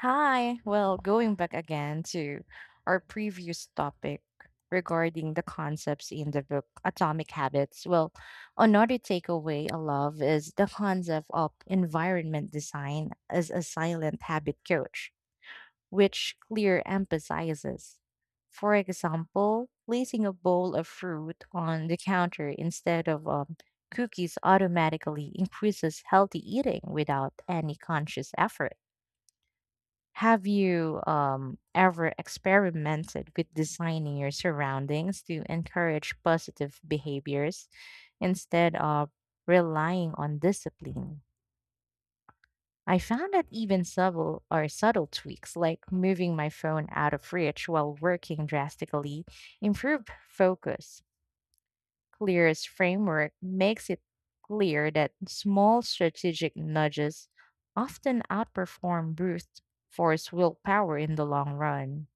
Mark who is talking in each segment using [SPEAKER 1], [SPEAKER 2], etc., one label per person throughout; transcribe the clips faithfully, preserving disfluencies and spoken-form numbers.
[SPEAKER 1] Hi. Well, going back again to our previous topic regarding the concepts in the book Atomic Habits. Well, another takeaway I love is the concept of environment design as a silent habit coach, which Clear emphasizes. For example, placing a bowl of fruit on the counter instead of um, cookies automatically increases healthy eating without any conscious effort. Have you um, ever experimented with designing your surroundings to encourage positive behaviors instead of relying on discipline? I found that even subtle or subtle tweaks, like moving my phone out of reach while working drastically, improve focus. Clear's framework makes it clear that small strategic nudges often outperform brute force willpower in the long run.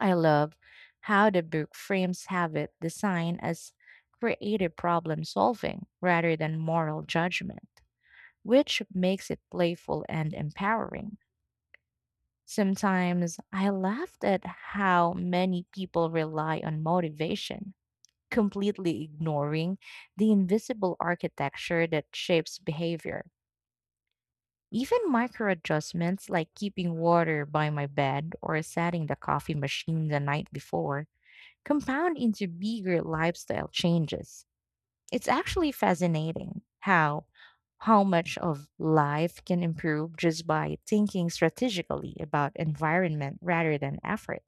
[SPEAKER 1] I love how the book frames habit design as creative problem solving rather than moral judgment, which makes it playful and empowering. Sometimes I laughed at how many people rely on motivation, completely ignoring the invisible architecture that shapes behavior. Even micro adjustments like keeping water by my bed or setting the coffee machine the night before compound into bigger lifestyle changes. It's actually fascinating how how much of life can improve just by thinking strategically about environment rather than effort.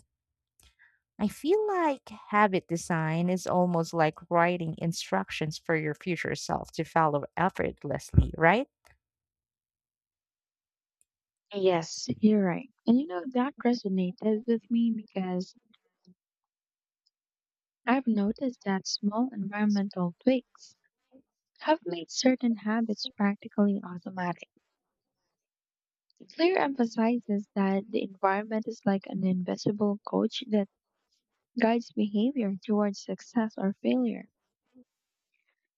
[SPEAKER 1] I feel like habit design is almost like writing instructions for your future self to follow effortlessly, right?
[SPEAKER 2] Yes, you're right. And you know, that resonated with me because I've noticed that small environmental tweaks have made certain habits practically automatic. Clear emphasizes that the environment is like an invisible coach that guides behavior towards success or failure.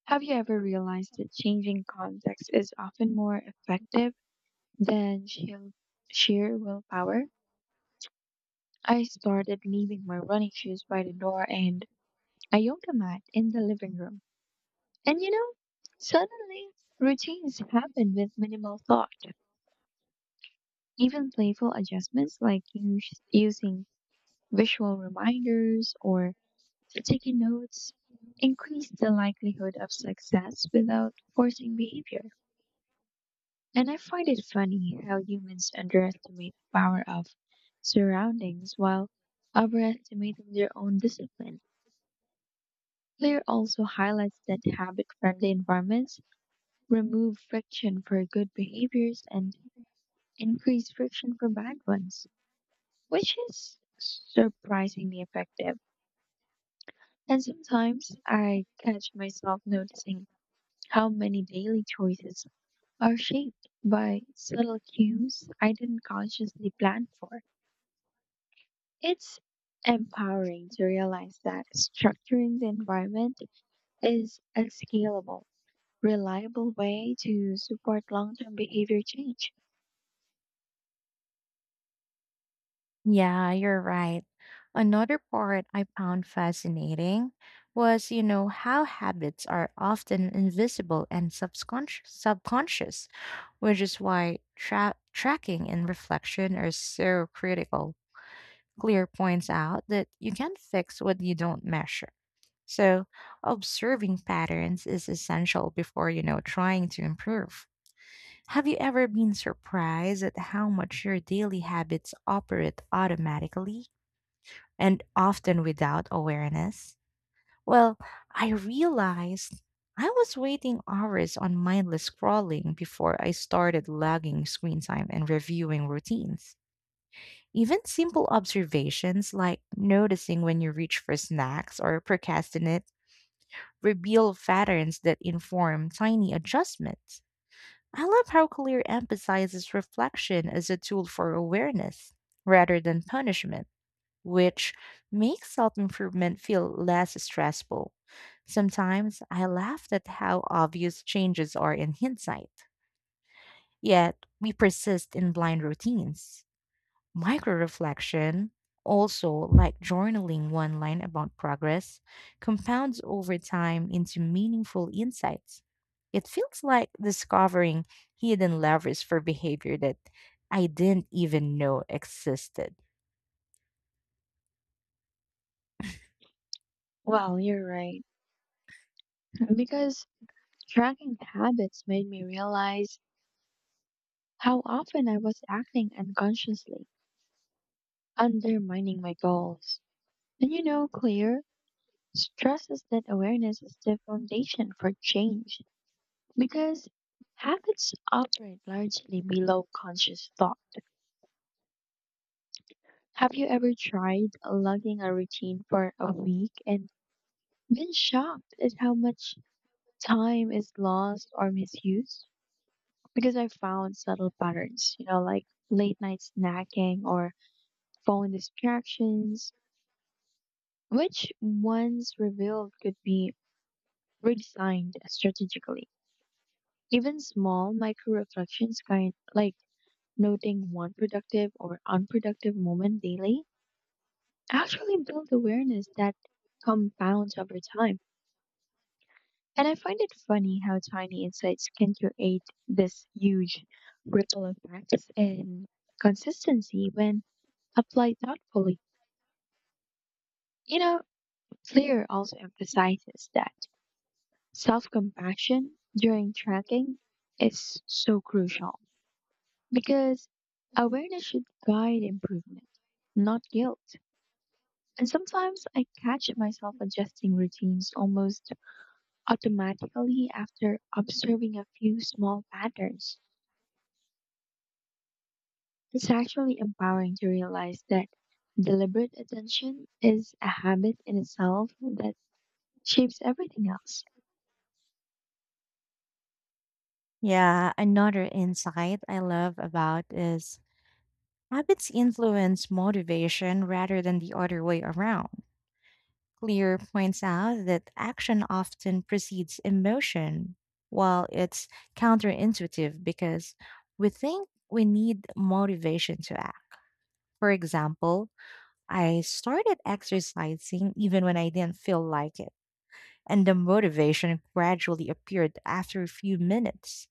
[SPEAKER 2] Have you ever realized that changing context is often more effective than sheer sheer willpower? I started leaving my running shoes by the door and a yoga mat in the living room. And you know, suddenly routines happen with minimal thought. Even playful adjustments like us- using visual reminders or taking notes increase the likelihood of success without forcing behavior. And I find it funny how humans underestimate the power of surroundings while overestimating their own discipline. Clear also highlights that habit friendly environments remove friction for good behaviors and increase friction for bad ones, which is surprisingly effective. And sometimes I catch myself noticing how many daily choices are shaped by subtle cues I didn't consciously plan for. It's empowering to realize that structuring the environment is a scalable, reliable way to support long term behavior change.
[SPEAKER 1] Yeah, you're right. Another part I found fascinating was, you know, how habits are often invisible and subconscious, subconscious, which is why tra- tracking and reflection are so critical. Clear points out that you can't fix what you don't measure. So, observing patterns is essential before, you know, trying to improve. Have you ever been surprised at how much your daily habits operate automatically, and often without awareness? Well, I realized I was waiting hours on mindless scrolling before I started logging screen time and reviewing routines. Even simple observations like noticing when you reach for snacks or procrastinate reveal patterns that inform tiny adjustments. I love how Clear emphasizes reflection as a tool for awareness rather than punishment, which makes self improvement feel less stressful. Sometimes I laughed at how obvious changes are in hindsight, yet we persist in blind routines. Micro reflection, also like journaling one line about progress, compounds over time into meaningful insights. It feels like discovering hidden levers for behavior that I didn't even know existed.
[SPEAKER 2] Well, you're right. Because tracking habits made me realize how often I was acting unconsciously, undermining my goals. And you know, Claire stresses that awareness is the foundation for change because habits operate largely below conscious thought. Have you ever tried lugging a routine for a week and been shocked at how much time is lost or misused? Because I found subtle patterns, you know, like late night snacking or phone distractions, which once revealed could be redesigned strategically. Even small micro reflections, kind like noting one productive or unproductive moment daily, actually build awareness that compounds over time. And I find it funny how tiny insights can create this huge ripple effects and consistency when applied thoughtfully. You know, Clear also emphasizes that self compassion during tracking is so crucial because awareness should guide improvement, not guilt. And sometimes I catch myself adjusting routines almost automatically after observing a few small patterns. It's actually empowering to realize that deliberate attention is a habit in itself that shapes everything else.
[SPEAKER 1] Yeah, another insight I love about is habits influence motivation rather than the other way around. Clear points out that action often precedes emotion, while it's counterintuitive because we think we need motivation to act. For example, I started exercising even when I didn't feel like it, and the motivation gradually appeared after a few minutes.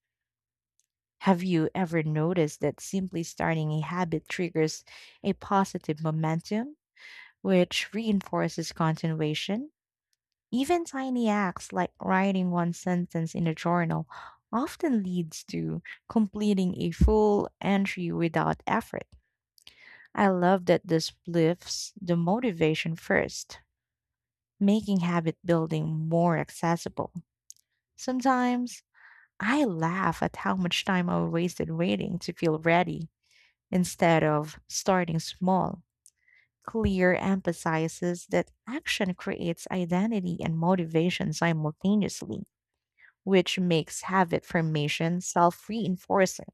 [SPEAKER 1] Have you ever noticed that simply starting a habit triggers a positive momentum, which reinforces continuation? Even tiny acts like writing one sentence in a journal often leads to completing a full entry without effort. I love that this lifts the motivation first, making habit building more accessible. Sometimes I laugh at how much time I wasted waiting to feel ready instead of starting small. Clear emphasizes that action creates identity and motivation simultaneously, which makes habit formation self reinforcing.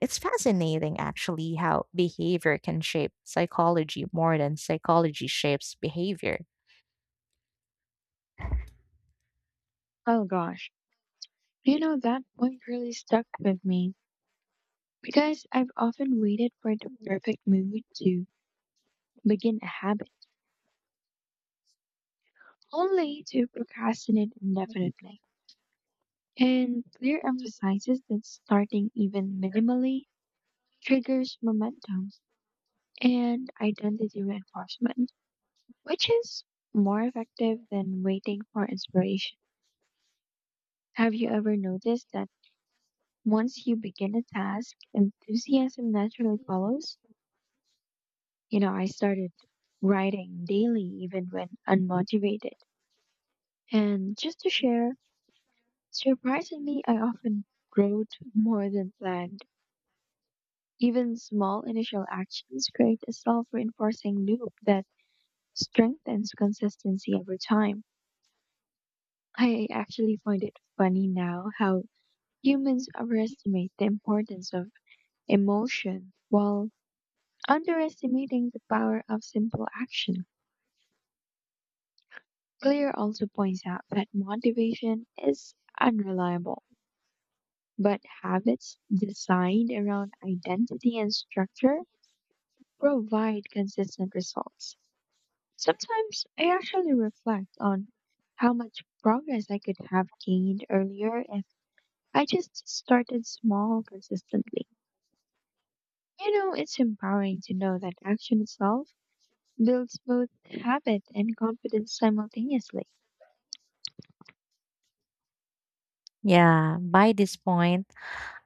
[SPEAKER 1] It's fascinating, actually, how behavior can shape psychology more than psychology shapes behavior.
[SPEAKER 2] Oh gosh, you know, that point really stuck with me because I've often waited for the perfect mood to begin a habit, only to procrastinate indefinitely. And clear emphasizes that starting even minimally triggers momentum and identity reinforcement, which is more effective than waiting for inspiration. Have you ever noticed that once you begin a task, enthusiasm naturally follows? You know, I started writing daily even when unmotivated. And just to share, surprisingly, I often wrote more than planned. Even small initial actions create a self reinforcing loop that strengthens consistency over time. I actually find it funny now how humans overestimate the importance of emotion while underestimating the power of simple action. Clear also points out that motivation is unreliable, but habits designed around identity and structure provide consistent results. Sometimes I actually reflect on how much progress I could have gained earlier if I just started small consistently. You know, it's empowering to know that action itself builds both habit and confidence simultaneously.
[SPEAKER 1] Yeah, by this point,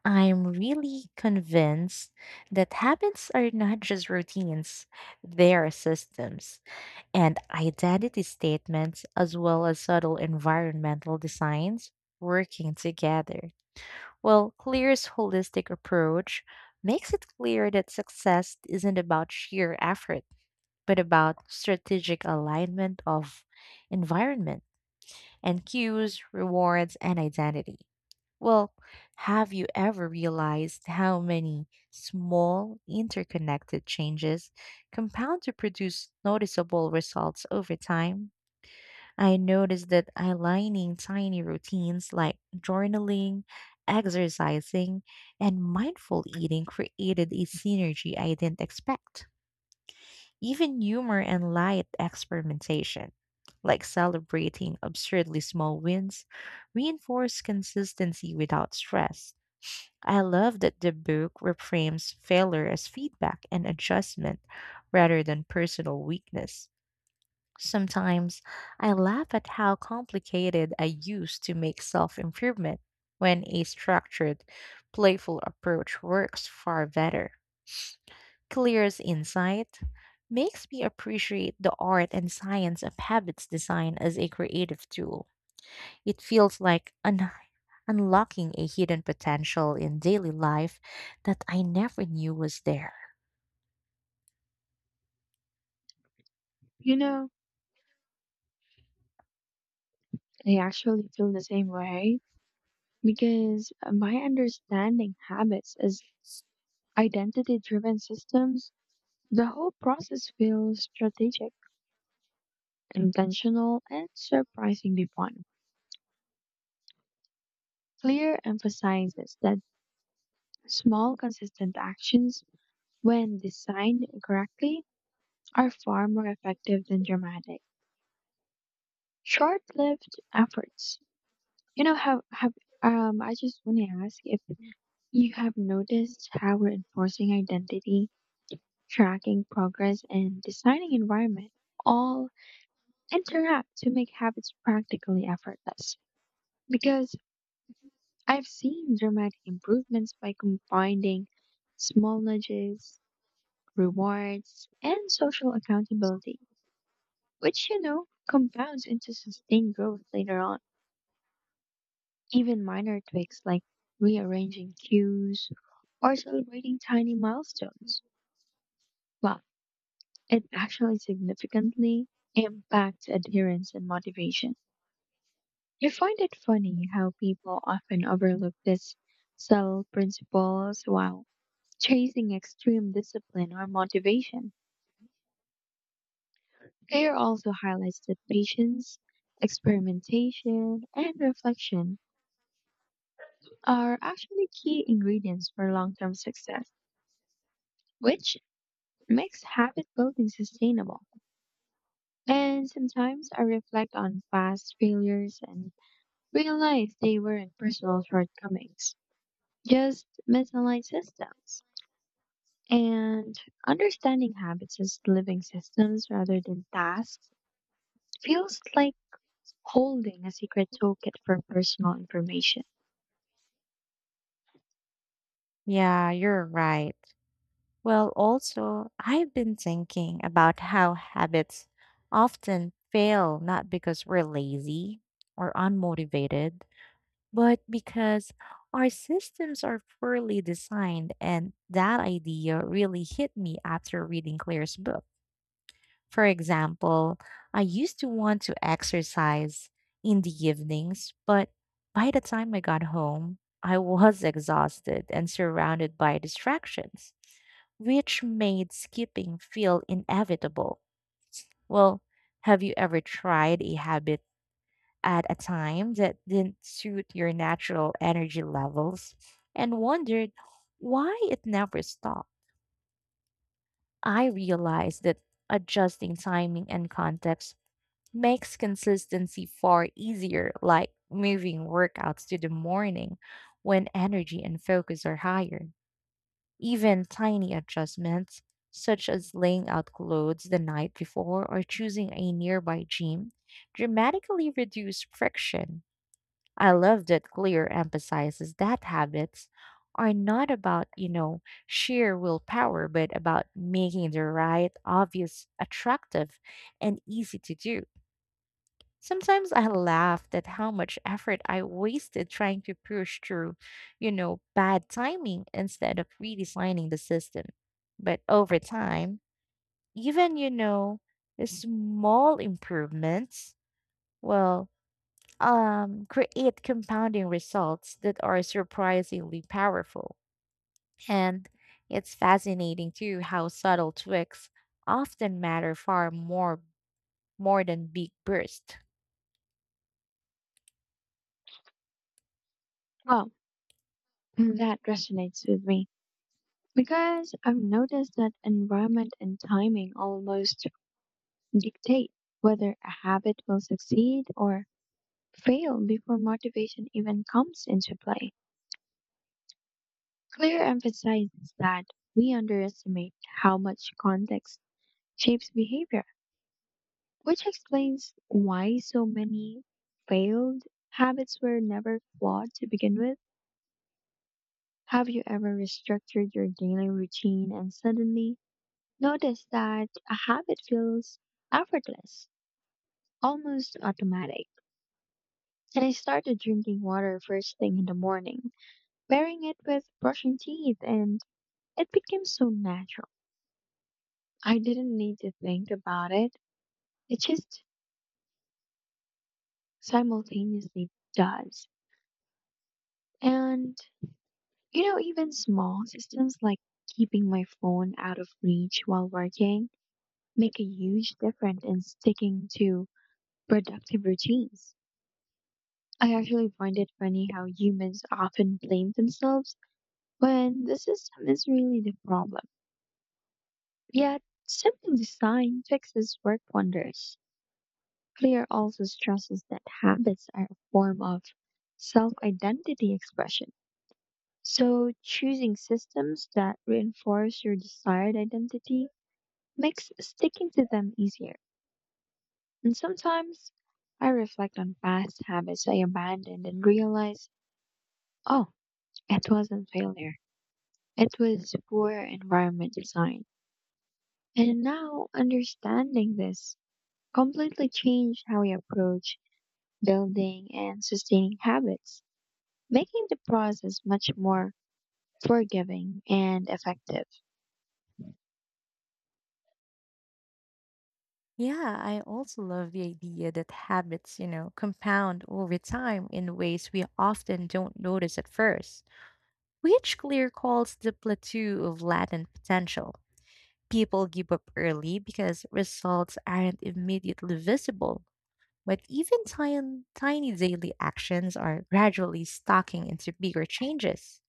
[SPEAKER 1] I'm really convinced that habits are not just routines, they are systems and identity statements, as well as subtle environmental designs, working together. Well, CLEAR's holistic approach makes it clear that success isn't about sheer effort, but about strategic alignment of environment and cues, rewards, and identity. Well, have you ever realized how many small interconnected changes compound to produce noticeable results over time? I noticed that aligning tiny routines like journaling, exercising, and mindful eating created a synergy I didn't expect. Even humor and light experimentation, like celebrating absurdly small wins, reinforce consistency without stress. I love that the book reframes failure as feedback and adjustment rather than personal weakness. Sometimes I laugh at how complicated I used to make self improvement when a structured, playful approach works far better. Clear's insight makes me appreciate the art and science of habits design as a creative tool. It feels like un- unlocking a hidden potential in daily life that I never knew was there.
[SPEAKER 2] You know, I actually feel the same way because by understanding habits as identity driven systems, the whole process feels strategic, intentional, and surprisingly fun. Clear emphasizes that small, consistent actions, when designed correctly, are far more effective than dramatic, short-lived efforts. You know, have have um, I just want to ask if you have noticed how we're enforcing identity, tracking progress, and designing environment all interact to make habits practically effortless. Because I've seen dramatic improvements by combining small nudges, rewards, and social accountability, which, you know, compounds into sustained growth later on. Even minor tweaks like rearranging cues or celebrating tiny milestones. Well, it actually significantly impacts adherence and motivation. I find it funny how people often overlook these subtle principles while chasing extreme discipline or motivation. Care also highlights that patience, experimentation, and reflection are actually key ingredients for long term success, which makes habit building sustainable. And sometimes I reflect on past failures and realize they weren't personal shortcomings, just misaligned systems. And understanding habits as living systems rather than tasks feels like holding a secret toolkit for personal information.
[SPEAKER 1] Yeah, you're right. Well, also, I've been thinking about how habits often fail not because we're lazy or unmotivated, but because our systems are poorly designed. And that idea really hit me after reading Claire's book. For example, I used to want to exercise in the evenings, but by the time I got home, I was exhausted and surrounded by distractions which made skipping feel inevitable. Well, have you ever tried a habit at a time that didn't suit your natural energy levels and wondered why it never stopped? I realized that adjusting timing and context makes consistency far easier, like moving workouts to the morning when energy and focus are higher. Even tiny adjustments, such as laying out clothes the night before or choosing a nearby gym, dramatically reduce friction. I love that Clear emphasizes that habits are not about, you know, sheer willpower, but about making the right obvious attractive and easy to do. Sometimes I laughed at how much effort I wasted trying to push through, you know, bad timing instead of redesigning the system. But over time, even, you know, the small improvements, well, um, create compounding results that are surprisingly powerful. And it's fascinating too how subtle tweaks often matter far more more than big bursts.
[SPEAKER 2] Well, that resonates with me because I've noticed that environment and timing almost dictate whether a habit will succeed or fail before motivation even comes into play. Clear emphasizes that we underestimate how much context shapes behavior, which explains why so many failed habits were never flawed to begin with. Have you ever restructured your daily routine and suddenly noticed that a habit feels effortless, almost automatic? And I started drinking water first thing in the morning, pairing it with brushing teeth, and it became so natural. I didn't need to think about it, it just simultaneously does. And, you know, even small systems like keeping my phone out of reach while working make a huge difference in sticking to productive routines. I actually find it funny how humans often blame themselves when the system is really the problem. Yet, simple design fixes work wonders. Clear also stresses that habits are a form of self identity expression. So, choosing systems that reinforce your desired identity makes sticking to them easier. And sometimes I reflect on past habits I abandoned and realize, oh, it wasn't failure. It was poor environment design. And now understanding this completely changed how we approach building and sustaining habits, making the process much more forgiving and effective.
[SPEAKER 1] Yeah, I also love the idea that habits, you know, compound over time in ways we often don't notice at first, which Clear calls the plateau of latent potential. People give up early because results aren't immediately visible, but even tiny, tiny daily actions are gradually stocking into bigger changes.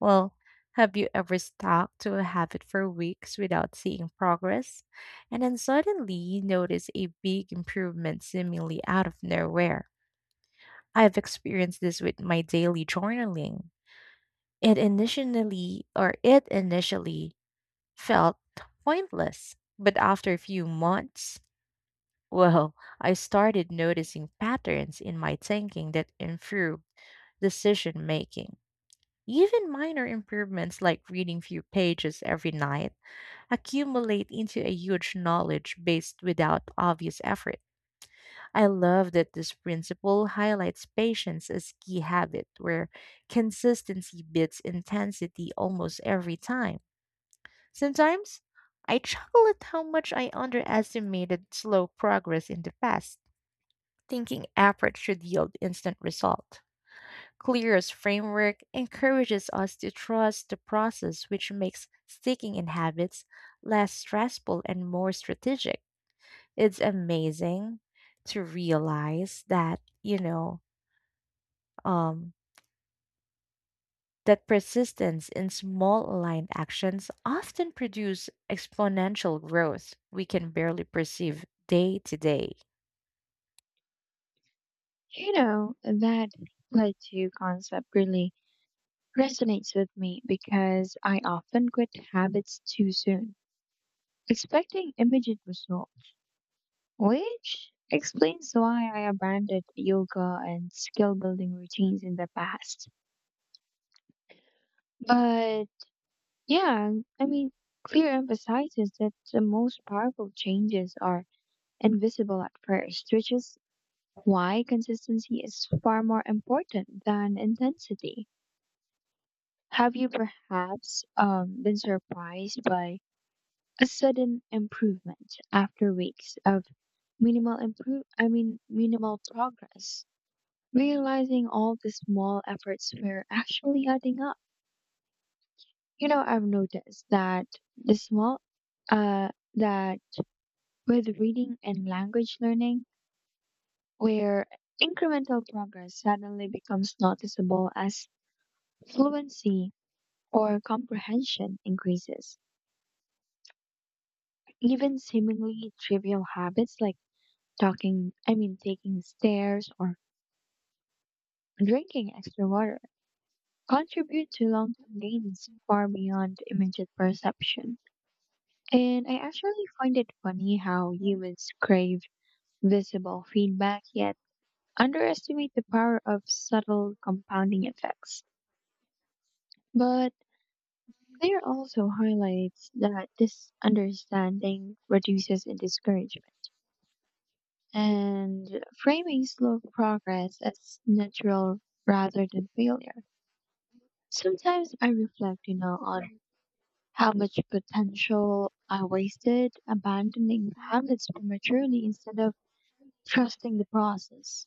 [SPEAKER 1] Well, have you ever stuck to a habit for weeks without seeing progress and then suddenly you notice a big improvement seemingly out of nowhere? I've experienced this with my daily journaling. It initially or it initially felt pointless, but after a few months, well, I started noticing patterns in my thinking that improved decision making. Even minor improvements like reading few pages every night accumulate into a huge knowledge base without obvious effort. I love that this principle highlights patience as key habit where consistency beats intensity almost every time. Sometimes I chuckle at how much I underestimated slow progress in the past, thinking effort should yield instant result. Clear's framework encourages us to trust the process, which makes sticking in habits less stressful and more strategic. It's amazing to realize that, you know, um, that persistence in small aligned actions often produce exponential growth we can barely perceive day to day.
[SPEAKER 2] You know, that like to concept really resonates with me because I often quit habits too soon, expecting immediate results, which explains why I abandoned yoga and skill building routines in the past. But yeah, I mean, clear emphasizes that the most powerful changes are invisible at first, which is why consistency is far more important than intensity. Have you perhaps um, been surprised by a sudden improvement after weeks of minimal improve I mean minimal progress, realizing all the small efforts were actually adding up? You know, I've noticed that the small uh that with reading and language learning where incremental progress suddenly becomes noticeable as fluency or comprehension increases. Even seemingly trivial habits like talking, I mean, taking stairs or drinking extra water contribute to long term gains far beyond immediate perception. And I actually find it funny how humans crave visible feedback yet underestimate the power of subtle compounding effects. But Claire also highlights that this understanding reduces in discouragement and framing slow progress as natural rather than failure. Sometimes I reflect, you know, on how much potential I wasted abandoning habits prematurely instead of trusting the process.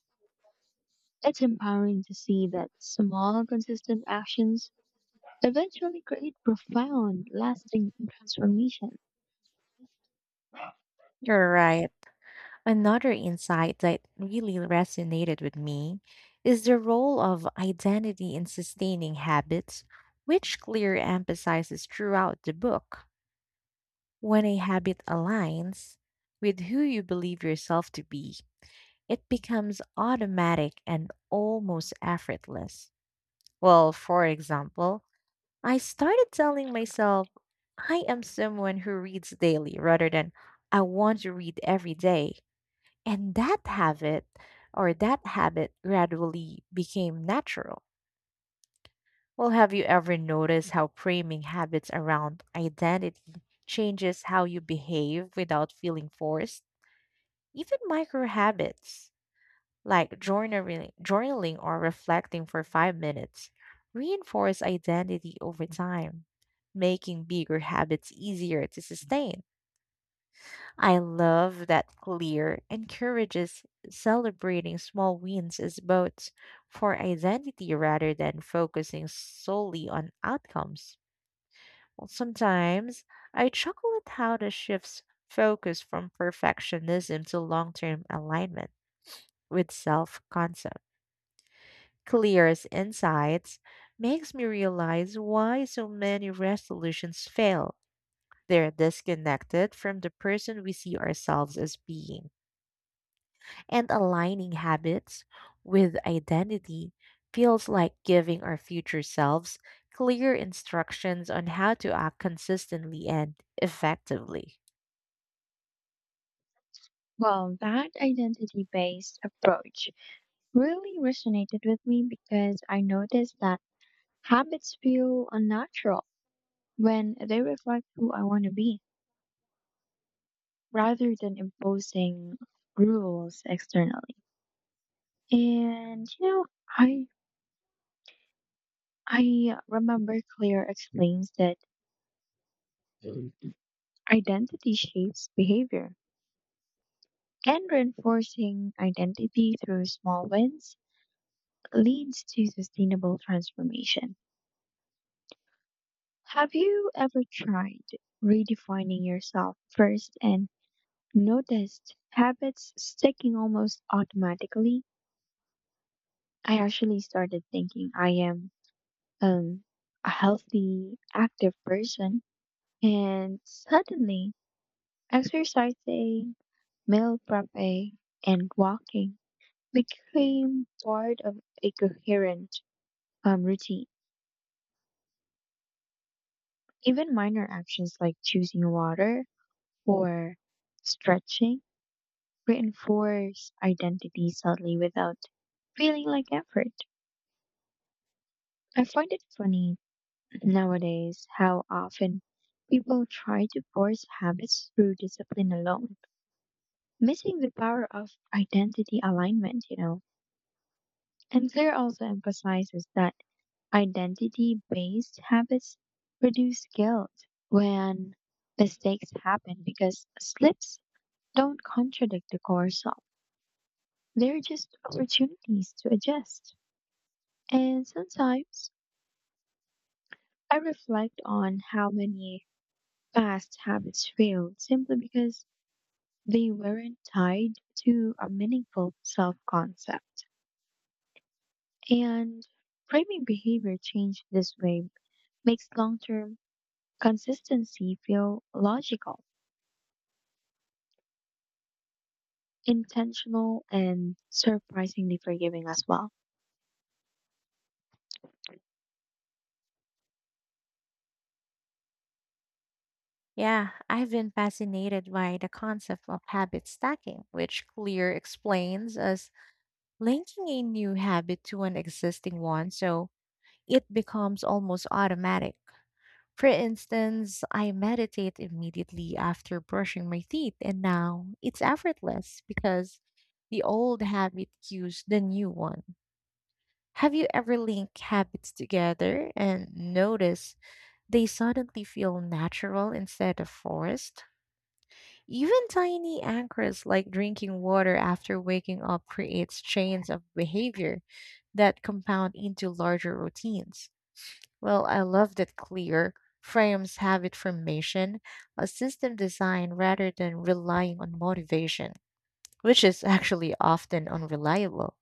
[SPEAKER 2] It's empowering to see that small, consistent actions eventually create profound, lasting transformation.
[SPEAKER 1] You're right. Another insight that really resonated with me is the role of identity in sustaining habits, which Clear emphasizes throughout the book. When a habit aligns with who you believe yourself to be, it becomes automatic and almost effortless. Well, for example, I started telling myself, I am someone who reads daily rather than I want to read every day. And that habit or that habit gradually became natural. Well, have you ever noticed how framing habits around identity changes how you behave without feeling forced? Even micro habits like journaling, journaling or reflecting for five minutes reinforce identity over time, making bigger habits easier to sustain. I love that Clear encourages celebrating small wins as votes for identity rather than focusing solely on outcomes. Well, sometimes I chuckle at how this shifts focus from perfectionism to long term alignment with self concept. Clear's insights makes me realize why so many resolutions fail. They're disconnected from the person we see ourselves as being. And aligning habits with identity feels like giving our future selves clear instructions on how to act consistently and effectively.
[SPEAKER 2] Well, that identity based approach really resonated with me because I noticed that habits feel unnatural when they reflect who I want to be rather than imposing rules externally. And you know, I I remember Claire explains that. Mhm. Identity shapes behavior and reinforcing identity through small wins leads to sustainable transformation. Have you ever tried redefining yourself first and noticed habits sticking almost automatically? I actually started thinking I am um, a healthy, active person. And suddenly, exercising, meal prepping, and walking became part of a coherent um, routine. Even minor actions like choosing water or stretching reinforce identity subtly without feeling like effort. I find it funny nowadays, how often people try to force habits through discipline alone, missing the power of identity alignment, you know. And Claire also emphasizes that identity based habits produce guilt when mistakes happen because slips don't contradict the core self, they're just opportunities to adjust. And sometimes I reflect on how many past habits fail simply because they weren't tied to a meaningful self concept. And framing behavior change this way makes long term consistency feel logical, intentional, and surprisingly forgiving as well.
[SPEAKER 1] Yeah, I've been fascinated by the concept of habit stacking, which Clear explains as linking a new habit to an existing one so it becomes almost automatic. For instance, I meditate immediately after brushing my teeth, and now it's effortless because the old habit cues the new one. Have you ever linked habits together and noticed they suddenly feel natural instead of forced? Even tiny anchors like drinking water after waking up creates chains of behavior that compound into larger routines. Well, I love that clear frames habit formation, a system design rather than relying on motivation, which is actually often unreliable.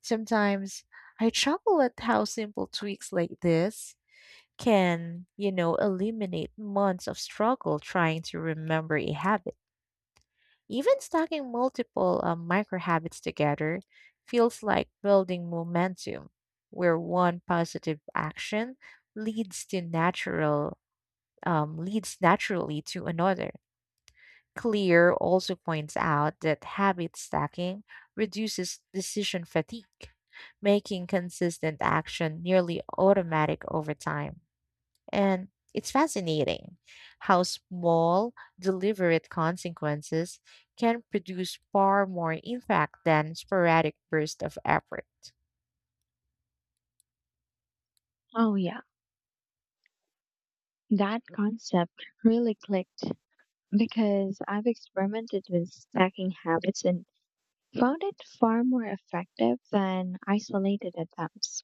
[SPEAKER 1] Sometimes I chuckle at how simple tweaks like this can, you know, eliminate months of struggle trying to remember a habit. Even stacking multiple um, micro habits together feels like building momentum, where one positive action leads to natural um, leads naturally to another. Clear also points out that habit stacking reduces decision fatigue, making consistent action nearly automatic over time. And it's fascinating how small, deliberate consequences can produce far more impact than sporadic bursts of effort.
[SPEAKER 2] Oh, yeah. That concept really clicked because I've experimented with stacking habits and found it far more effective than isolated attempts.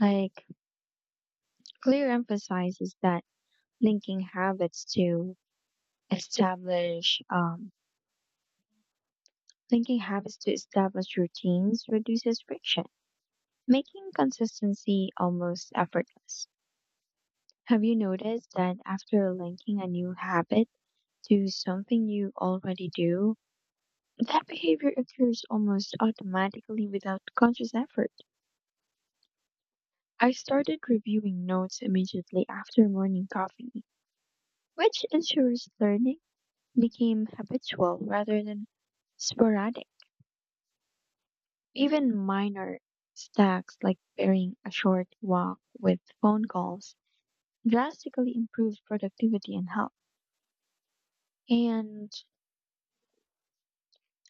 [SPEAKER 2] Like, clear emphasizes that linking habits to establish, um, linking habits to establish routines reduces friction, making consistency almost effortless. Have you noticed that after linking a new habit to something you already do, that behavior occurs almost automatically without conscious effort? I started reviewing notes immediately after morning coffee, which ensures learning became habitual rather than sporadic. Even minor stacks like pairing a short walk with phone calls drastically improved productivity and health. And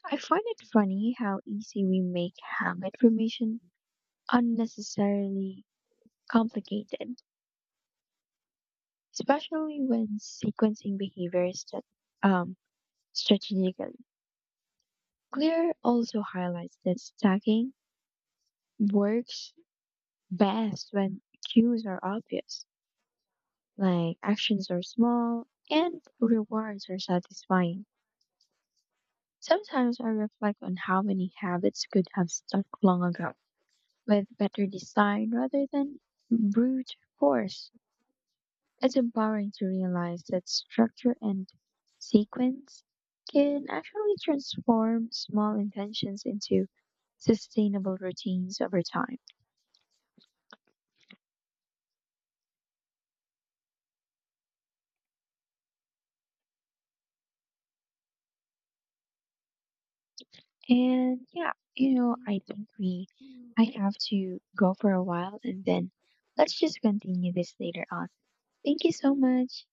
[SPEAKER 2] I find it funny how easy we make habit formation unnecessarily complicated, especially when sequencing behaviors that um strategically. Clear also highlights that stacking works best when cues are obvious, like actions are small and rewards are satisfying. Sometimes I reflect on how many habits could have stuck long ago with better design rather than brute force. It's empowering to realize that structure and sequence can actually transform small intentions into sustainable routines over time. And yeah, you know, I think we I have to go for a while and then let's just continue this later on. Thank you so much.